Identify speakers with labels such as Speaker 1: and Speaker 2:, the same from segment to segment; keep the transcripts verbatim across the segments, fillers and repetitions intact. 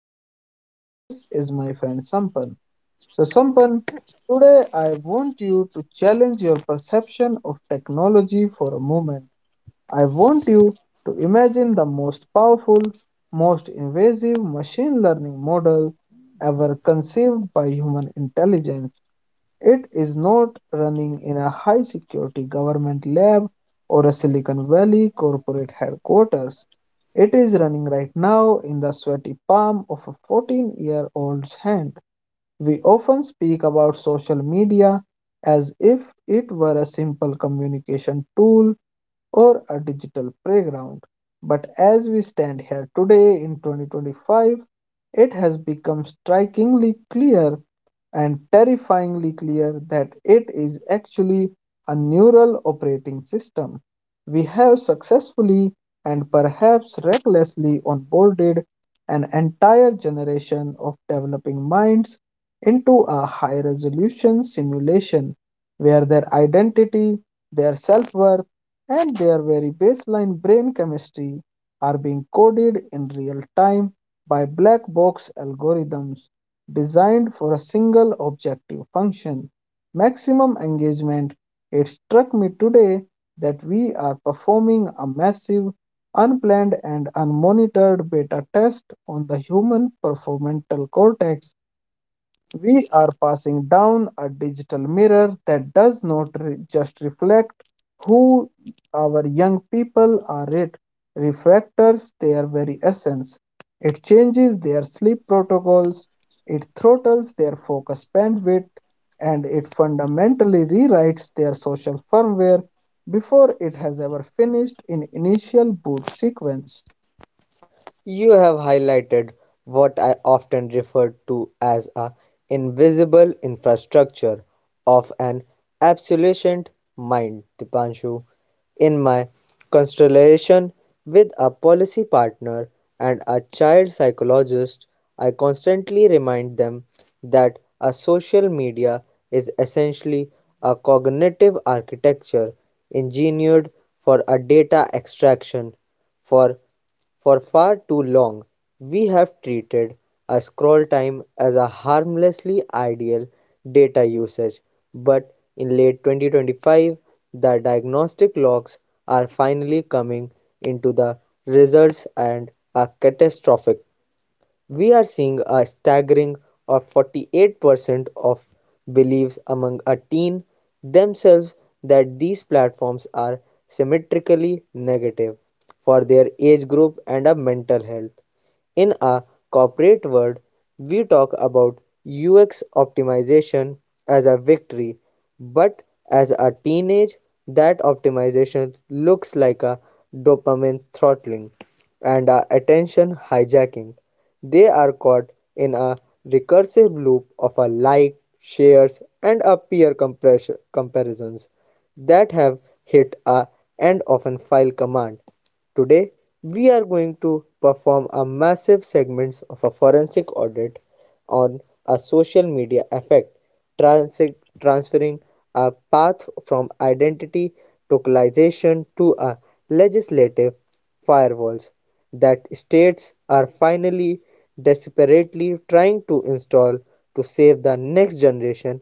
Speaker 1: Dipanshu, and this is my friend Sampan. So, Sampan, today I want you to challenge your perception of technology for a moment. I want you to imagine the most powerful, most invasive machine learning model ever conceived by human intelligence. It is not running in a high security government lab or a Silicon Valley corporate headquarters. It is running right now in the sweaty palm of a fourteen year old's hand. We often speak about social media as if it were a simple communication tool or a digital playground. But as we stand here today in twenty twenty-five, it has become strikingly clear and terrifyingly clear that it is actually a neural operating system. We have successfully and perhaps recklessly onboarded an entire generation of developing minds into a high resolution simulation where their identity, their self worth, and their very baseline brain chemistry are being coded in real time by black box algorithms designed for a single objective function maximum engagement. It struck me today that we are performing a massive, unplanned, and unmonitored beta test on the human prefrontal cortex. We are passing down a digital mirror that does not re- just reflect who our young people are, it refractors their very essence. It changes their sleep protocols, it throttles their focus bandwidth, and it fundamentally rewrites their social firmware before it has ever finished in initial boot sequence.
Speaker 2: You have highlighted what I often refer to as a invisible infrastructure of an absolutist mind, Dipanshu. In my constellation with a policy partner and a child psychologist, I constantly remind them that a social media is essentially a cognitive architecture engineered for a data extraction. For for far too long, we have treated a scroll time as a harmlessly ideal data usage, but in late twenty twenty-five, the diagnostic logs are finally coming into the results and are catastrophic. We are seeing a staggering of forty-eight percent of beliefs among a teen themselves that these platforms are symmetrically negative for their age group and a mental health. In a corporate world, we talk about U X optimization as a victory, but as a teenage, that optimization looks like a dopamine throttling and are attention hijacking. They are caught in a recursive loop of a like, shares, and a peer compress- comparisons that have hit a end of an file command. Today, we are going to perform a massive segments of a forensic audit on a social media effect, transi- transferring a path from identity tokenization to a legislative firewalls that states are finally desperately trying to install to save the next generation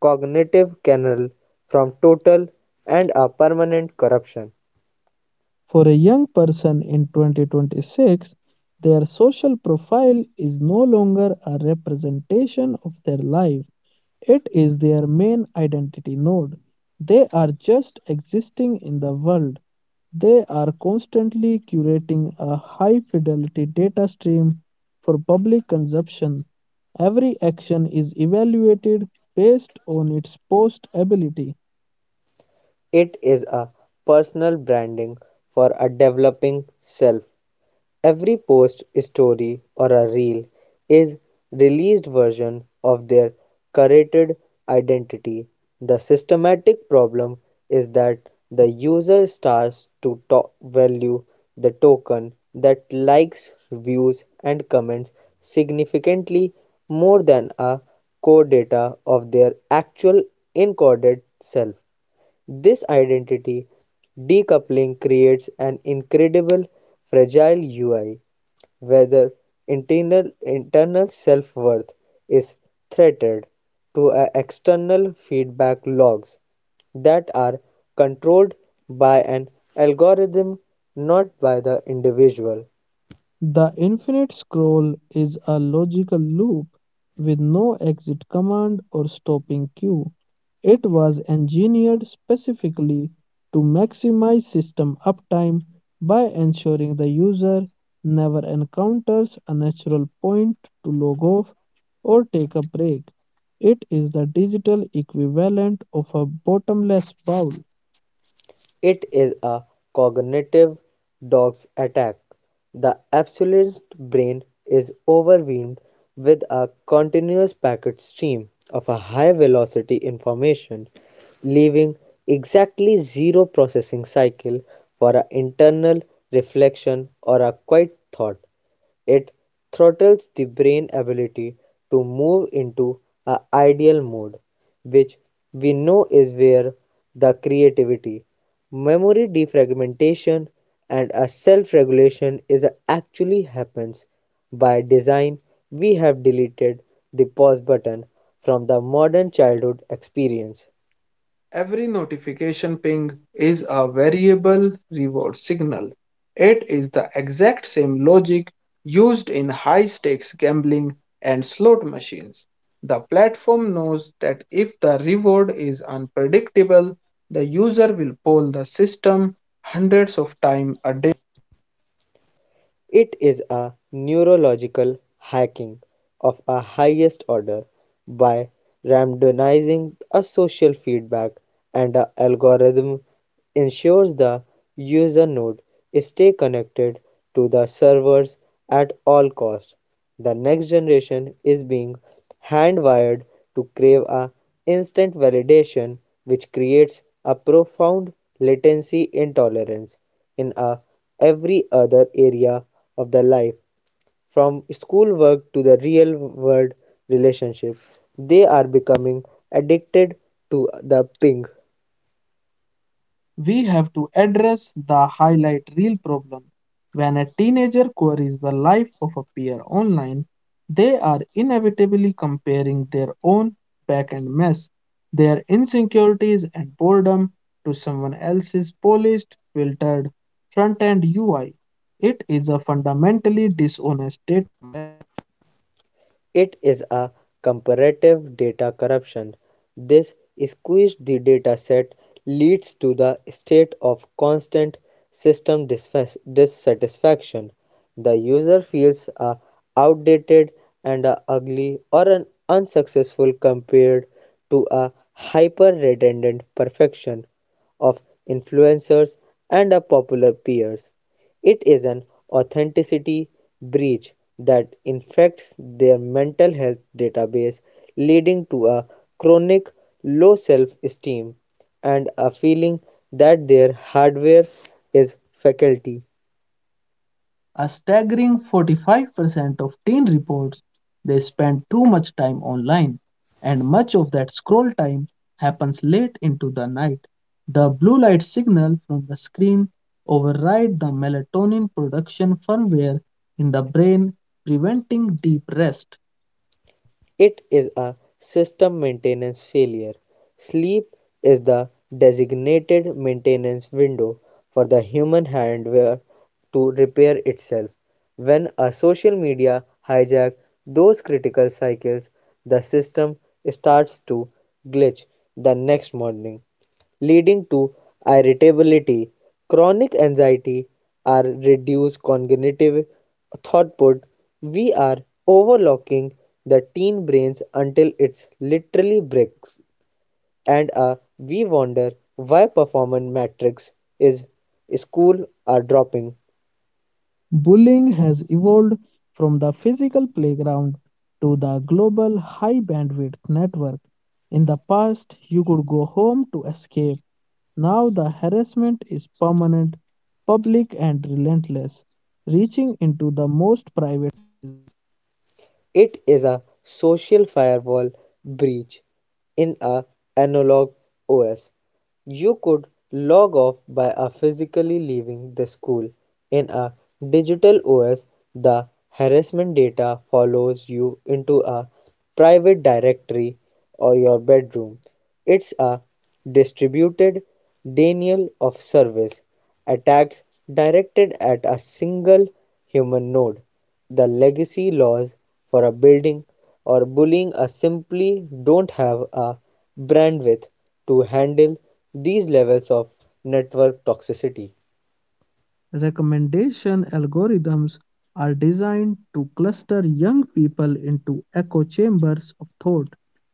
Speaker 2: cognitive canal from total and a permanent corruption.
Speaker 1: For a young person in twenty twenty-six, their social profile is no longer a representation of their life, it is their main identity node. They are just existing in the world. They are constantly curating a high fidelity data stream for public consumption. Every action is evaluated based on its post ability.
Speaker 2: It is a personal branding for a developing self. Every post, story, or a reel is released version of their curated identity. The systematic problem is that the user starts to to- value the token that likes, views, and comments significantly more than a core data of their actual encoded self. This identity decoupling creates an incredible fragile U I, whether internal, internal self worth is threatened to a external feedback logs that are controlled by an algorithm, not by the individual.
Speaker 1: The infinite scroll is a logical loop with no exit command or stopping queue. It was engineered specifically to maximize system uptime by ensuring the user never encounters a natural point to log off or take a break. It is the digital equivalent of a bottomless bowl.
Speaker 2: It is a cognitive dog's attack. The absolute brain is overwhelmed with a continuous packet stream of a high velocity information, leaving exactly zero processing cycle for an internal reflection or a quiet thought. It throttles the brain ability to move into a ideal mode, which we know is where the creativity, memory defragmentation and a self-regulation is actually happens. By design, we have deleted the pause button from the modern childhood experience.
Speaker 1: Every notification ping is a variable reward signal. It is the exact same logic used in high stakes gambling and slot machines. The platform knows that if the reward is unpredictable, the user will poll the system hundreds of times a day.
Speaker 2: It is a neurological hacking of a highest order by randomizing a social feedback and a algorithm ensures the user node stay connected to the servers at all costs. The next generation is being hand-wired to crave a instant validation which creates a profound latency intolerance in a every other area of their life, from schoolwork to the real world relationship. They are becoming addicted to the ping.
Speaker 1: We have to address the highlight reel problem. When a teenager queries the life of a peer online, they are inevitably comparing their own back end mess, their insecurities and boredom to someone else's polished, filtered front end U I. It is a fundamentally dishonest.
Speaker 2: It is a comparative data corruption. This squeezed the data set leads to the state of constant system dissatisfaction. The user feels a outdated and a ugly or an unsuccessful compared to a hyper redundant perfection of influencers and a popular peers. It is an authenticity breach that infects their mental health database, leading to a chronic low self esteem and a feeling that their hardware is faulty.
Speaker 1: A staggering forty-five percent of teen reports they spend too much time online, and much of that scroll time happens late into the night. The blue light signal from the screen overrides the melatonin production firmware in the brain, preventing deep rest.
Speaker 2: It is a system maintenance failure. Sleep is the designated maintenance window for the human hardware to repair itself. When a social media hijack those critical cycles, the system starts to glitch the next morning, leading to irritability, chronic anxiety, our reduced cognitive throughput. We are overlocking the teen brains until it's literally bricks. And uh, we wonder why performance metrics is school are dropping.
Speaker 1: Bullying has evolved from the physical playground to the global high bandwidth network. In the past, you could go home to escape. Now the harassment is permanent, public, and relentless, reaching into the most private.
Speaker 2: It is a social firewall breach in a analog O S. You could log off by a physically leaving the school. In a digital O S, the harassment data follows you into a private directory or your bedroom. It's a distributed denial of service attacks directed at a single human node. The legacy laws for building or bullying are simply don't have a bandwidth to handle these levels of network toxicity.
Speaker 1: Recommendation algorithms are designed to cluster young people into echo chambers of thought.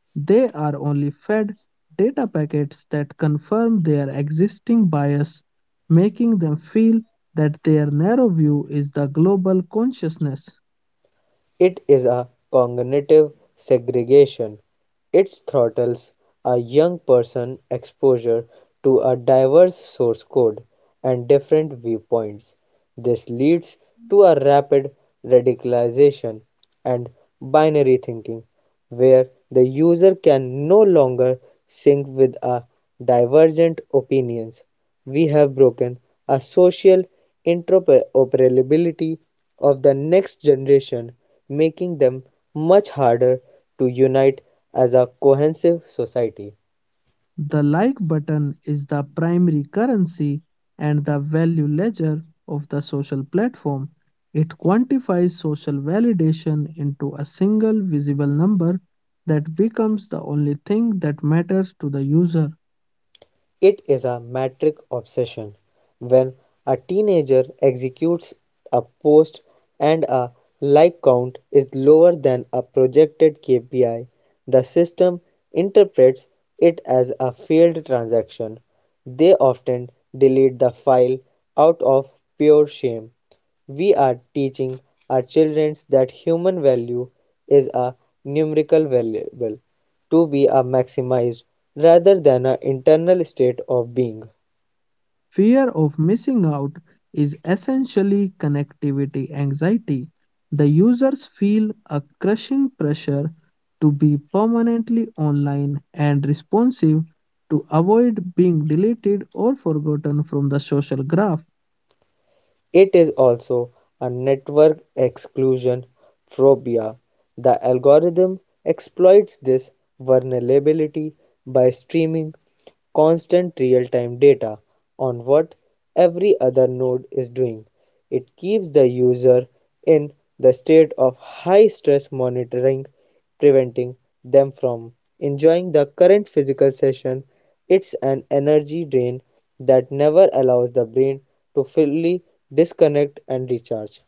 Speaker 1: They are only fed data packets that confirm their existing bias, making them feel that their narrow view is the global consciousness.
Speaker 2: It is a cognitive segregation. It throttles a young person exposure to a diverse source code and different viewpoints. This leads to a rapid radicalization and binary thinking where the user can no longer sync with our divergent opinions. We have broken a social interoperability of the next generation, making them much harder to unite as a cohesive society.
Speaker 1: The like button is the primary currency and the value ledger of the social platform. It quantifies social validation into a single visible number that becomes the only thing that matters to the user.
Speaker 2: It is a metric obsession. When a teenager executes a post and a like count is lower than a projected K P I, the system interprets it as a failed transaction. They often delete the file out of pure shame. We are teaching our children that human value is a numerical variable to be a maximized rather than an internal state of being.
Speaker 1: Fear of missing out is essentially connectivity anxiety. The users feel a crushing pressure to be permanently online and responsive to avoid being deleted or forgotten from the social graph.
Speaker 2: It is also a network exclusion phobia. The algorithm exploits this vulnerability by streaming constant real time data on what every other node is doing. It keeps the user in the state of high-stress monitoring, preventing them from enjoying the current physical session. It's an energy drain that never allows the brain to fully disconnect and recharge.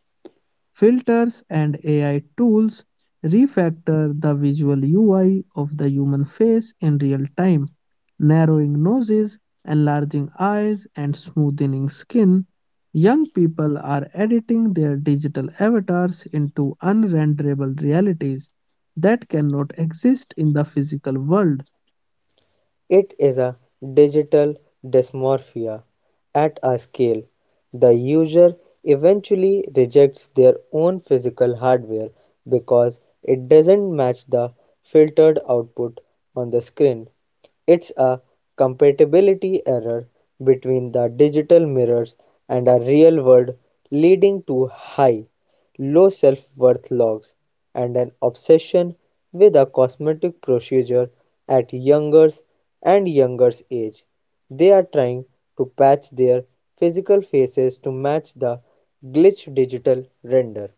Speaker 1: Filters and A I tools refactor the visual U I of the human face in real time, narrowing noses, enlarging eyes, and smoothening skin. Young people are editing their digital avatars into unrenderable realities that cannot exist in the physical world.
Speaker 2: It is a digital dysmorphia at a scale. The user eventually rejects their own physical hardware because it doesn't match the filtered output on the screen. It's a compatibility error between the digital mirrors and a real world, leading to high, low self worth logs and an obsession with a cosmetic procedure at younger and younger age. They are trying to patch their physical faces to match the glitch digital render.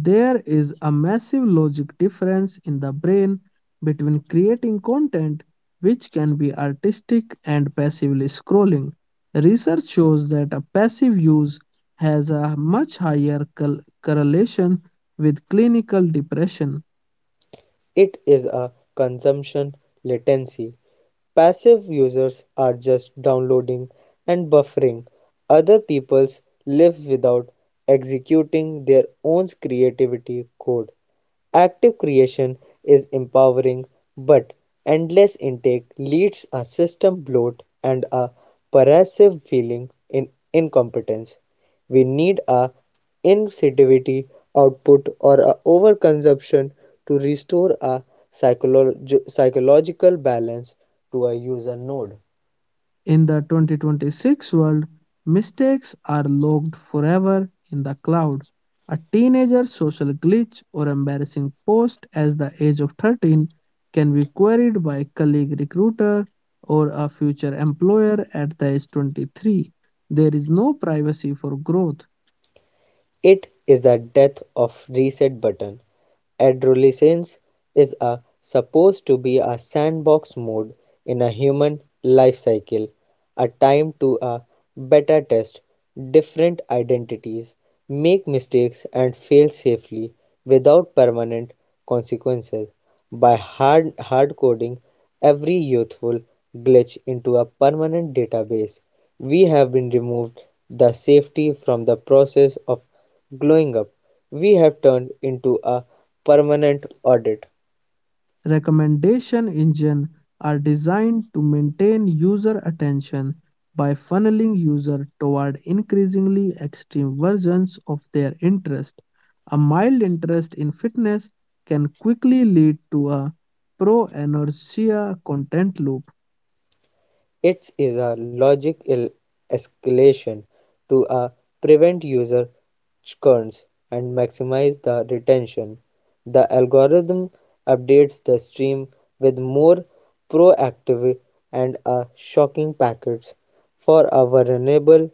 Speaker 1: There is a massive logic difference in the brain between creating content, which can be artistic, and passively scrolling. Research shows that a passive use has a much higher col- correlation with clinical depression.
Speaker 2: It is a consumption latency. Passive users are just downloading and buffering other people's lives without executing their own creativity code. Active creation is empowering, but endless intake leads a system bloat and a pervasive feeling in incompetence. We need a insensitivity output or a overconsumption to restore a psycholo- psychological balance to a user node.
Speaker 1: In the twenty twenty-six world, mistakes are logged forever in the cloud. A teenager's social glitch or embarrassing post at the age of thirteen can be queried by a colleague recruiter or a future employer at the age twenty-three. There is no privacy for growth.
Speaker 2: It is the death of Reset Button. Adolescence is a, supposed to be a sandbox mode in a human life cycle, a time to a beta test different identities, make mistakes and fail safely without permanent consequences by hard hard coding every youthful glitch into a permanent database. We have been removed the safety from the process of growing up. We have turned into a permanent audit.
Speaker 1: Recommendation engines are designed to maintain user attention by funneling users toward increasingly extreme versions of their interest. A mild interest in fitness can quickly lead to a pro-anorexia content loop.
Speaker 2: It is a logical escalation to a prevent user churns and maximize the retention. The algorithm updates the stream with more proactive and a shocking packets for a vulnerable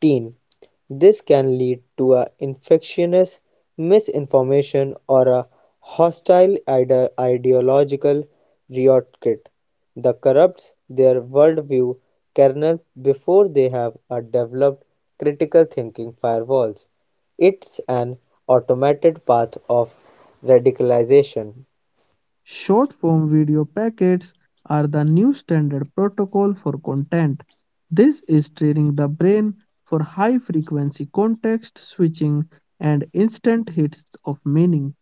Speaker 2: teen. This can lead to an infectious misinformation or a hostile ide- ideological rhetoric that corrupts their worldview kernels before they have a developed critical thinking firewalls. It's an automated path of radicalization.
Speaker 1: Short form video packets are the new standard protocol for content. This is training the brain for high frequency context switching and instant hits of meaning.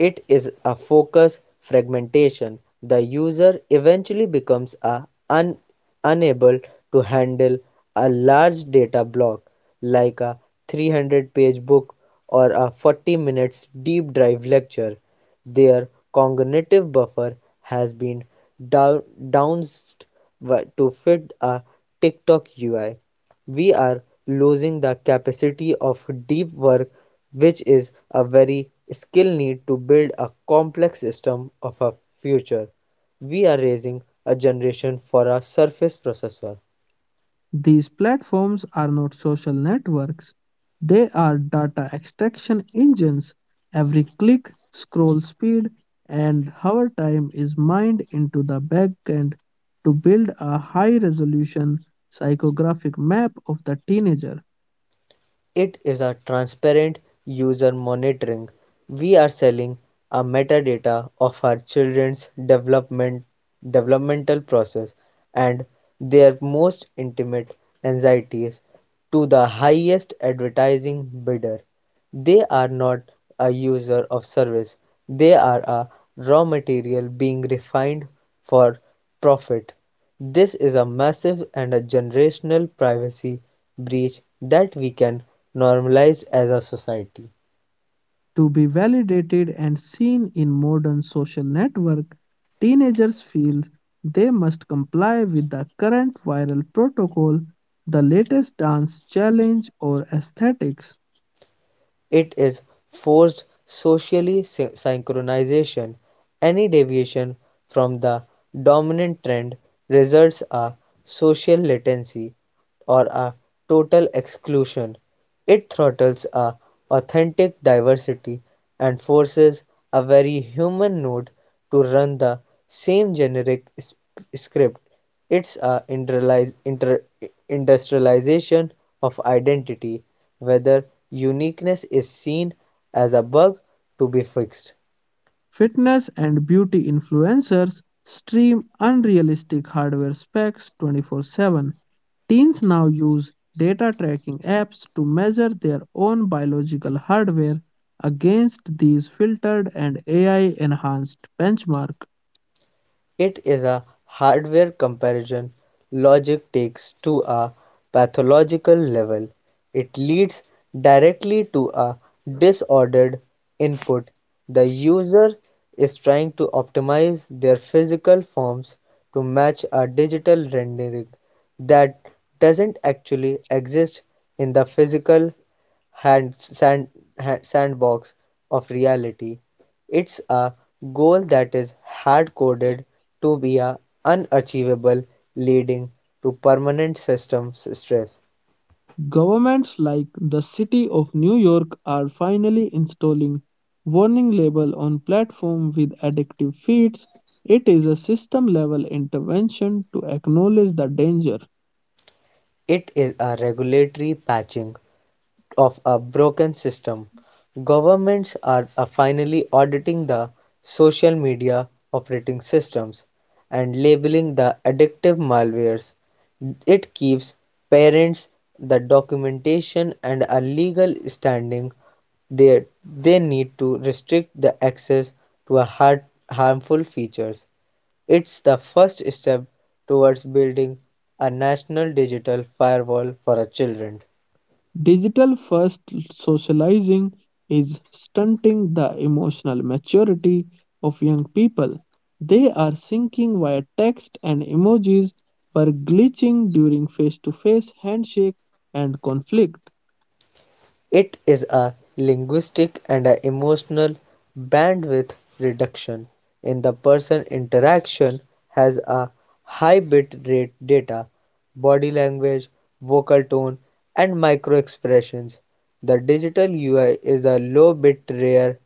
Speaker 2: It is a focus fragmentation; the user eventually becomes a un- unable to handle a large data block like a three hundred page book or a forty minutes deep dive lecture. Their cognitive buffer has been down- downsized to fit a TikTok U I. We are losing the capacity of deep work, which is a very skill need to build a complex system of a future. We are raising a generation for a surface processor.
Speaker 1: These platforms are not social networks, they are data extraction engines. Every click, scroll speed, and hover time is mined into the backend to build a high resolution psychographic map of the teenager.
Speaker 2: It is a transparent user monitoring. We are selling a metadata of our children's development developmental process and their most intimate anxieties to the highest advertising bidder. They are not a user of service. They are a raw material being refined for profit. This is a massive and a generational privacy breach that we can normalize as a society.
Speaker 1: To be validated and seen in modern social network, teenagers feel they must comply with the current viral protocol, the latest dance challenge or aesthetics.
Speaker 2: It is forced socially sy- synchronization; any deviation from the dominant trend results a social latency, or a total exclusion. It throttles a authentic diversity and forces a very human node to run the same generic sp- script. It's a interlies- inter- industrialization of identity, whether uniqueness is seen as a bug to be fixed.
Speaker 1: Fitness and beauty influencers stream unrealistic hardware specs twenty-four seven. Teens now use data tracking apps to measure their own biological hardware against these filtered and A I enhanced benchmarks.
Speaker 2: It is a hardware comparison logic takes to a pathological level. It leads directly to a disordered input. The user is trying to optimize their physical forms to match a digital rendering that doesn't actually exist in the physical hand, sand, ha- sandbox of reality. It's a goal that is hard coded to be a unachievable, leading to permanent systems stress.
Speaker 1: Governments like the City of New York are finally installing warning label on platform with addictive feeds. It is a system level intervention to acknowledge the danger.
Speaker 2: It is a regulatory patching of a broken system. Governments are uh, finally auditing the social media operating systems and labeling the addictive malwares. It keeps parents the documentation and a legal standing they they need to restrict the access to a hard, harmful features. It's the first step towards building a national digital firewall for our children.
Speaker 1: Digital first socializing is stunting the emotional maturity of young people. They are syncing via text and emojis, but glitching during face to face handshake and conflict.
Speaker 2: It is a linguistic and a emotional bandwidth reduction in the person interaction has a high bit rate data, body language, vocal tone, and micro expressions. The digital U I is a low bit rare,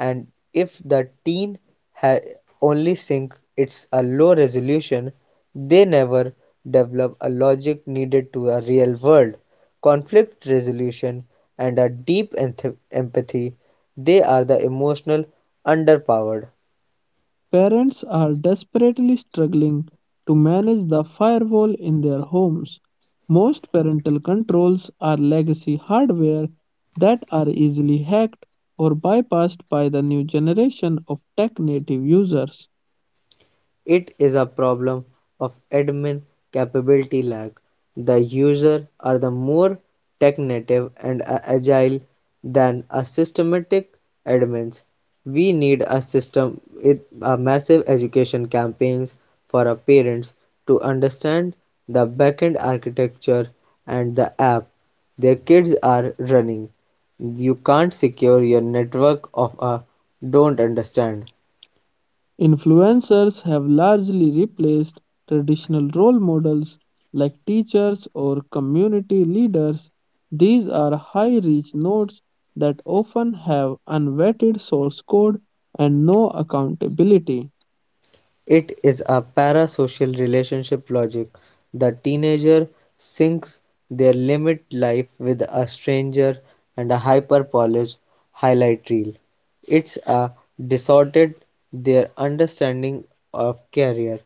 Speaker 2: and if the teen ha- only sync it's a low resolution, they never develop a logic needed to a real world conflict resolution, and a deep enth- empathy. They are the emotional underpowered.
Speaker 1: Parents are desperately struggling to manage the firewall in their homes. Most parental controls are legacy hardware that are easily hacked or bypassed by the new generation of tech native users.
Speaker 2: It is a problem of admin capability lag. The user are the more tech-native and agile than a systematic admins. We need a system with a massive education campaigns for our parents to understand the backend architecture and the app their kids are running. You can't secure your network of a don't understand.
Speaker 1: Influencers have largely replaced traditional role models like teachers or community leaders. These are high reach nodes that often have unvetted source code and no accountability.
Speaker 2: It is a parasocial relationship logic. The teenager sinks their limit life with a stranger and a hyper-polished highlight reel. It's a distorted their understanding of career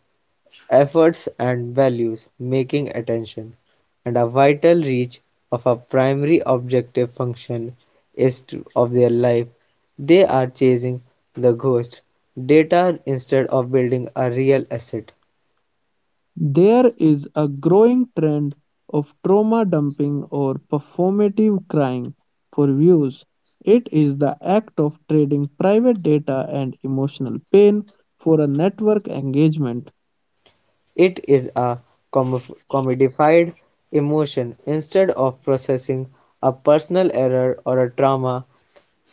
Speaker 2: efforts and values making attention and a vital reach of a primary objective function is to, of their life they are chasing the ghost data instead of building a real asset.
Speaker 1: There is a growing trend of trauma dumping or performative crying for views. It is the act of trading private data and emotional pain for a network engagement.
Speaker 2: It is a comif- commodified emotion instead of processing a personal error or a trauma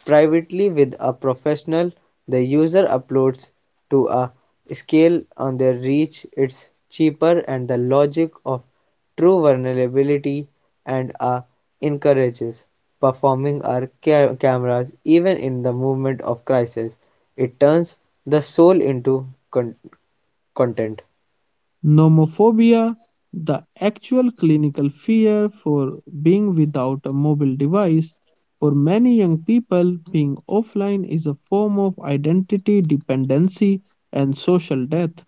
Speaker 2: privately with a professional. The user uploads to a scale on their reach. It's cheaper and the logic of true vulnerability and a encourages performing our ca- cameras even in the moment of crisis. It turns the soul into con- content.
Speaker 1: Nomophobia, the actual clinical fear for being without a mobile device, for many young people, being offline is a form of identity dependency and social death.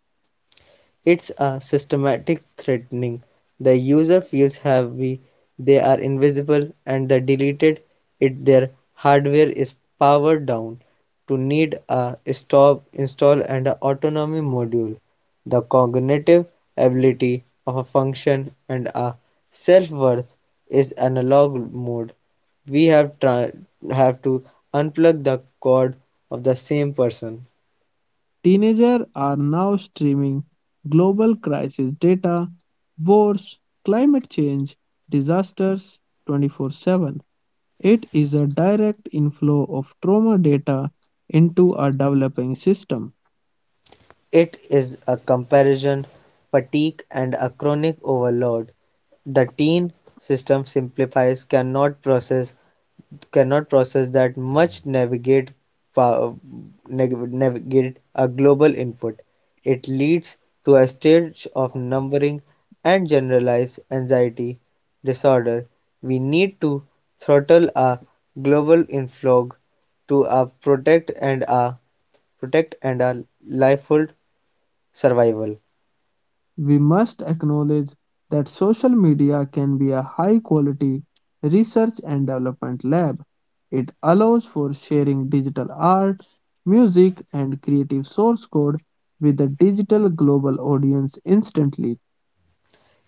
Speaker 2: It's a systematic threatening. The user feels heavy, they are invisible, and the deleted it their hardware is powered down to need a stop install and a autonomy module. The cognitive ability of a function and a self-worth is analog mode. We have tra- have to unplug the cord of the same person.
Speaker 1: Teenagers are now streaming global crisis data, wars, climate change, disasters twenty-four seven. It is a direct inflow of trauma data into a developing system.
Speaker 2: It is a comparison fatigue and a chronic overload. The teen system simplifies cannot process cannot process that much navigate navigate a global input. It leads to a stage of numbering and generalized anxiety disorder. We need to throttle a global inflow to a protect and a protect and a lifehold survival.
Speaker 1: We must acknowledge that social media can be a high quality research and development lab. It allows for sharing digital art, music, and creative source code with a digital global audience instantly.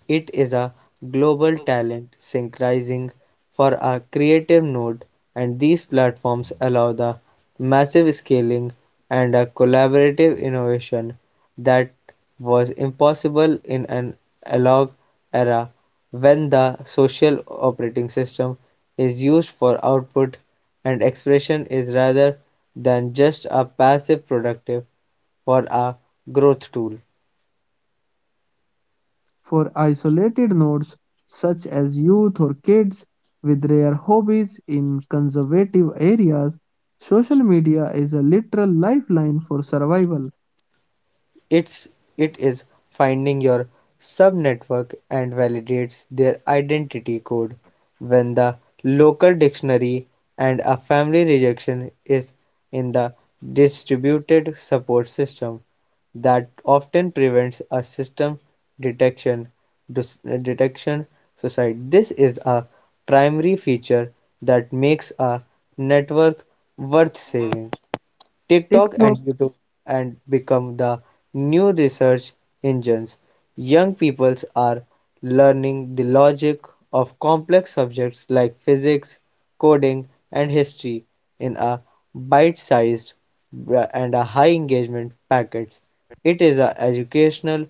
Speaker 2: It is a global talent synchronizing for a creative node, and these platforms allow the massive scaling and a collaborative innovation that was impossible in an analog era, when the social operating system is used for output and expression is rather than just a passive productive for a growth tool.
Speaker 1: For isolated nodes such as youth or kids with rare hobbies in conservative areas, social media is a literal lifeline for survival.
Speaker 2: It's it is finding your subnetwork and validates their identity code when the local dictionary and a family rejection is in the distributed support system that often prevents a system detection detection society. This is a primary feature that makes a network worth saving. TikTok
Speaker 1: Techno.
Speaker 2: and YouTube and become the new research engines. Young peoples are learning the logic of complex subjects like physics, coding, and history in a bite-sized bra- and a high engagement packets. It is a educational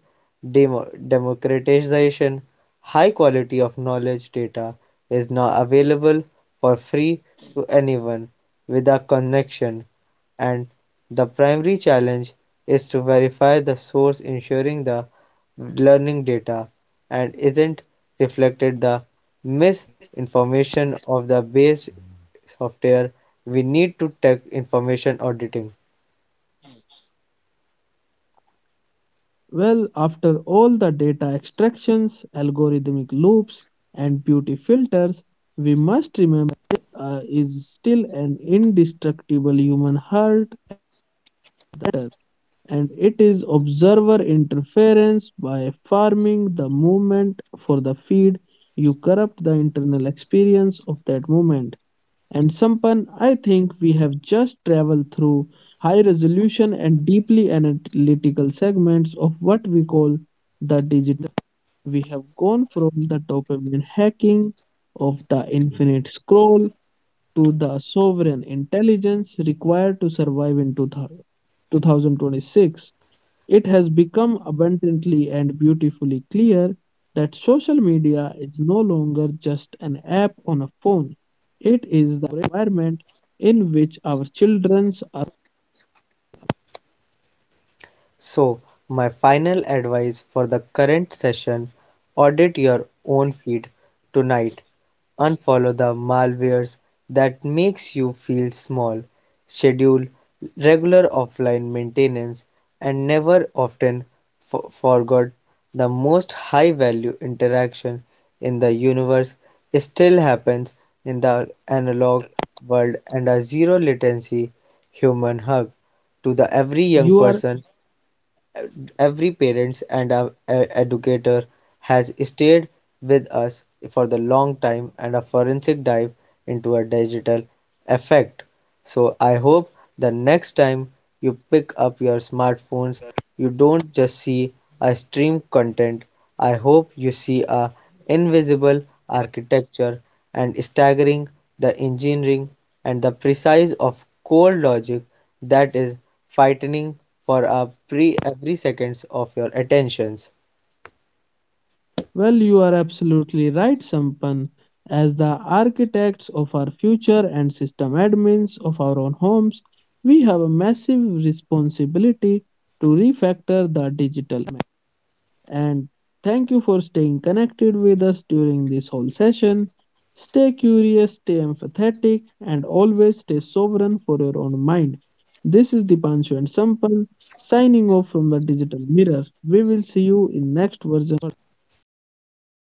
Speaker 2: demo- democratization. High quality of knowledge data is now available for free to anyone with a connection, and the primary challenge is to verify the source, ensuring the learning data and isn't reflected the misinformation of the base software. We need to take information auditing.
Speaker 1: Well, after all the data extractions, algorithmic loops, and beauty filters, we must remember uh, is still an indestructible human heart matter, and it is observer interference by farming the movement for the feed. You corrupt the internal experience of that moment. And Sampan, I think we have just traveled through high resolution and deeply analytical segments of what we call the digital. We have gone from the dopamine hacking of the infinite scroll to the sovereign intelligence required to survive in two thousand twenty-six. It has become abundantly and beautifully clear that social media is no longer just an app on a phone, it is the environment in which our children are.
Speaker 2: So, my final advice for the current session: audit your own feed tonight. Unfollow the malwares that makes you feel small. Schedule regular offline maintenance, and never often f- forget the most high value interaction in the universe still happens in the analog world, and a zero latency human hug to the
Speaker 1: You
Speaker 2: every
Speaker 1: are.
Speaker 2: young person, every parents and our e- educator has stayed with us for the long time and a forensic dive into a digital effect. So I hope the next time you pick up your smartphones, you don't just see a stream content. I hope you see a invisible architecture and staggering the engineering and the precise of core logic that is fighting for a pre every seconds of your attentions.
Speaker 1: Well, you are absolutely right, Sampan. As the architects of our future and system admins of our own homes, we have a massive responsibility to refactor the digital. And thank you for staying connected with us during this whole session. Stay curious, stay empathetic, and always stay sovereign for your own mind. This is Dipanshu and Sampan signing off from the digital mirror. We will see you in next version.